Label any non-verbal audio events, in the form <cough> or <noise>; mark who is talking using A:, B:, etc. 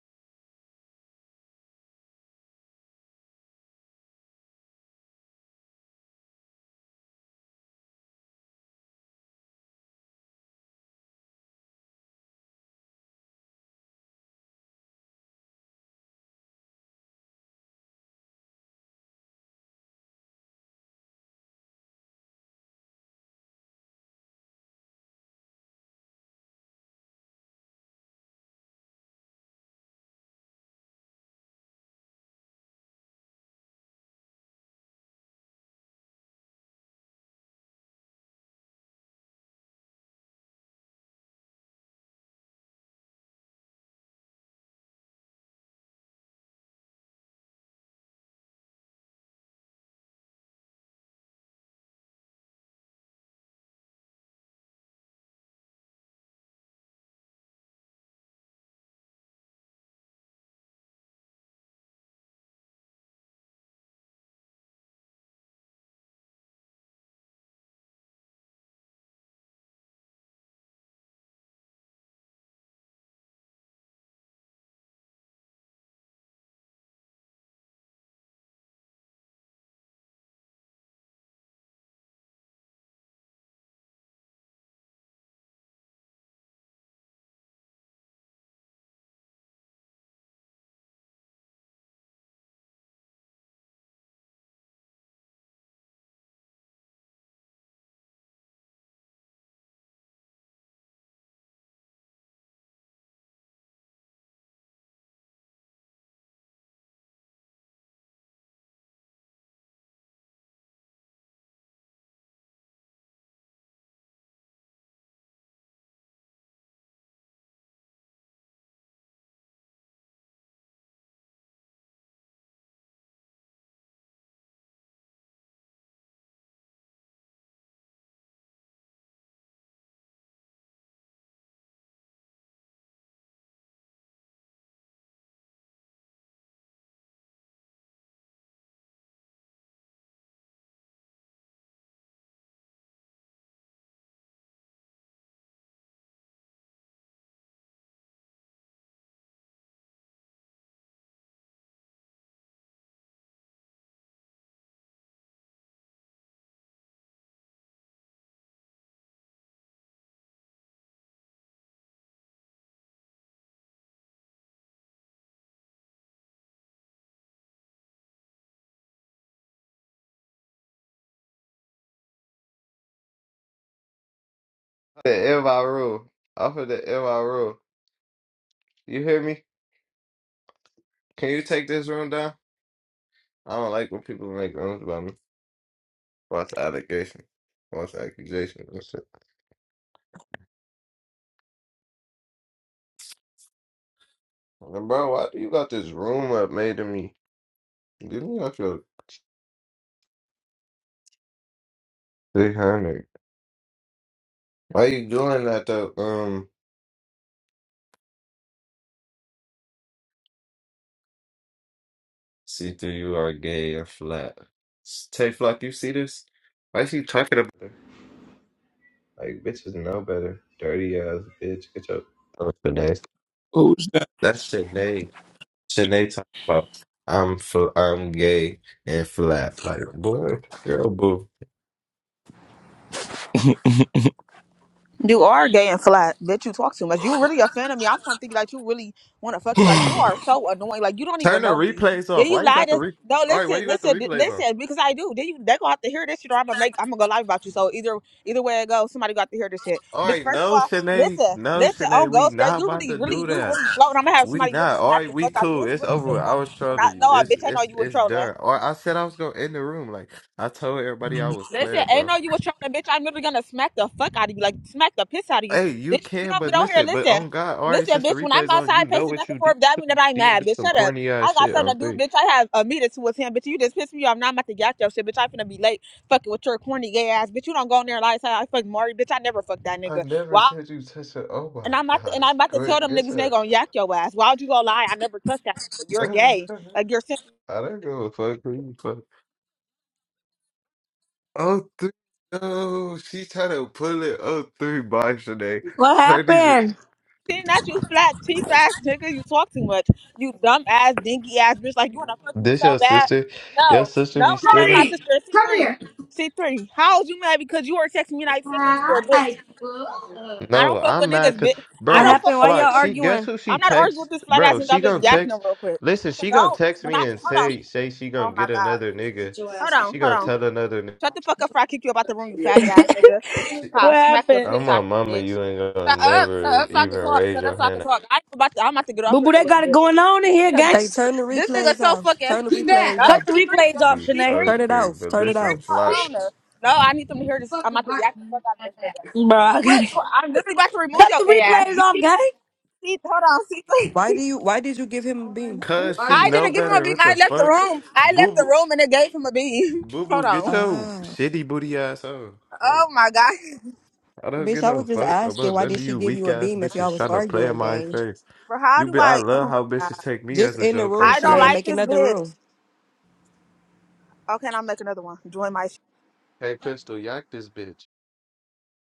A: the MRO. Off of the MRO. You hear me? Can you take this room down? I don't like when people make rooms about me. Watch allegation? Watch accusations and shit. And bro, why do you got this room up made to me? Give me up your 300. Why you doing that though? Um, see through you are gay and flat. S- Tay Flock, you see this? Why is he talking about it? Like, bitches know better. Dirty ass bitch. Get your. That's Sinead.
B: Who's that?
A: That's Sinead. Sinead talking about I'm fl- I'm gay and flat. Like boy, girl, boo.
C: You are gay and flat. Bitch, you talk too much. You really offended me. I'm trying to think like you really want to fuck me. Like you are
B: <sighs>
C: so annoying. Like you don't even
A: Turn the
C: know me.
A: replays
C: Did
A: off.
C: you
A: Why you
C: lie
A: got the
C: to?
A: re?
C: No,
A: All right, why
C: listen,
A: you got the
C: listen, d-
A: replays on?
C: listen. Because I do. Then you they gonna have to hear this shit, or I'm gonna make. I'm gonna go lie about you. So either either way it goes, somebody got to hear this shit.
A: All
C: Bitch,
A: right,
C: first of
A: no,
C: all,
A: Sinead,
C: listen,
A: no,
C: listen.
A: Sinead,
C: On
A: we
C: goes, girl.
A: not
C: You
A: about to
C: really, really,
A: do
C: you
A: that.
C: really floating. I'm gonna have
A: We
C: somebody really
A: not. All
C: smack
A: right,
C: the
A: we
C: fuck out of you.
A: cool.
C: This
A: It's
C: really
A: over. With.
C: shit
A: I
C: going.
A: was
C: When I
A: trolling you.
C: know, I
A: It's
C: bitch, I know
A: it's
C: you was
A: it's
C: trolling.
A: done. Or I said I was gonna end the room. Like I told everybody I was
C: Listen,
A: playing,
C: ain't
A: bro.
C: no you was trying to bitch. I'm literally gonna smack the fuck out of you, like smack the piss out of you,
A: Hey, you
C: bitch. You
A: can,
C: don't get
A: but
C: out here.
A: listen, but
C: Listen,
A: on God, all right,
C: listen,
A: since the
C: bitch. When I'm
A: replays on, you
C: outside
A: know
C: pacing
A: what
C: back and
A: you did
C: forth, that
A: too.
C: mean that
A: You
C: I'm
A: did
C: mad,
A: do
C: bitch.
A: some
C: Shut up.
A: corny ass
C: I got
A: shit
C: something
A: on
C: to do,
A: three.
C: bitch. I have a meeting to attend, bitch. You just pissed me off. Now I'm about to get out your shit, bitch. I'm finna be late, fucking with your corny gay ass, bitch. You don't go in there and lie. Say I fucked Mari, bitch. I never fucked that
A: I
C: nigga.
A: never
C: Why?
A: said you touch her. Oh my
C: And I'm about to, and
A: gosh.
C: I'm about to tell
A: Quit.
C: them
A: Get
C: niggas they
A: her.
C: gonna yak your ass. Why would you go lie? I never touched that. nigga.
A: <laughs>
C: You're gay.
A: I
C: Like you're.
A: don't give a fuck who you fuck. Oh, three. No, she tried to pull it. Oh, three bars today.
D: What
A: Turn these.
D: happened?
C: sitting at you flat, cheap ass nigga. You talk too much. You dumb ass, dinky ass bitch. Like you wanna fuck me
A: This
C: so
A: your
C: bad.
A: sister? Your
C: No,
A: sister be
C: no, that ain't my
A: stealing?
C: sister. C three, C three. How is you mad because you were texting me and I sent it to your bitch? I
A: No,
C: don't fuck
A: I'm
C: with
A: mad
C: niggas,
A: because,
C: bitch. I
D: What
A: bro,
C: don't fuck
D: happened? Why
C: with
D: y'all
A: Flock,
C: bitches.
A: she guess
D: arguing?
A: who she
C: I'm not arguing
A: texts?
C: with this flat
A: Bro,
C: ass nigga.
A: she
C: I'm just
A: gonna
C: yakking him
A: text.
C: real quick.
A: Listen, she gonna
C: don't.
A: text
C: When
A: me
C: I
A: and
C: hold on.
A: say say she gonna
C: Oh my
A: get
C: god.
A: another nigga.
C: Hold on.
A: She
C: Hold
A: gonna
C: on.
A: tell another. ni-
C: Shut the fuck up before I kick you up out the room, you faggot ass nigga.
D: What
C: I'll smack the
D: happened?
C: piss
A: I'm
C: out
A: my
C: of you,
A: mama.
C: bitch.
A: You ain't gonna
C: Shut up, shut
A: never
C: up so I
A: even
C: can talk.
A: raise
C: Shut up
A: your
C: so I
A: hand.
C: can talk. I ain't about to, I'm about to get off
D: Boo
C: here
D: boo,
C: in a
D: they
C: little
D: got it
C: bit.
D: going on in here,
C: Cause
D: gang.
C: this
E: Hey, turn the
C: this nigga
E: replays
C: so
E: off.
C: fucking
E: Turn the
C: no
E: replays
D: Cut the
E: off.
C: C three
D: replays
C: shut
D: off,
A: be
C: C
D: Shanae.
A: other
E: Turn
C: three.
E: it
A: thing.
E: off.
A: But
E: Turn
C: C
E: it
C: three
A: listen,
C: I
E: off.
C: my
A: Flock,
C: owner. No, I need them to hear this. I'm about to yak the fuck out of this nigga.
D: Bro, I got
C: Quit
D: it.
C: tw- I'm literally about to remove
D: Cut
C: your
D: the
C: gay ass.
D: replays
C: You
D: off,
C: keep
D: gang.
C: see hold on, C
E: Why do
C: three.
E: you? Why did you give him a beam?
A: cause
C: <laughs>
A: she
C: I
A: know
C: didn't give him a
A: better.
C: beam.
A: What
C: I
A: the
C: left the
A: fuck,
C: room. I left the
A: boo
C: room and it gave him a
A: boo,
C: beam.
A: boo
C: <laughs> Hold
A: boo, get
C: on.
A: your
E: Ah,
A: shitty booty ass on. Fuck,
C: Oh my god.
A: I don't
E: bitch,
A: get
E: I
A: no
E: was just
A: fuck
E: asking.
A: about
E: Why
A: none of
E: did she
A: you
E: give
A: weak
E: you a
A: ass
E: beam if y'all
A: bitches
E: was
A: trying to play in
E: arguing,
A: my
E: gang?
A: face.
C: <laughs> Bro, how
A: You
C: do
A: be, I
C: I? Oh
A: love
C: my
A: how
C: god.
A: bitches take me
E: Just
A: as a
E: in the
A: joke
E: room,
A: on
C: I don't
E: Shanae, and
A: things.
C: like
E: make
C: this
E: another room.
C: bitch. Okay, and I'll make another one. Join my
A: Hey, pistol, yak this bitch.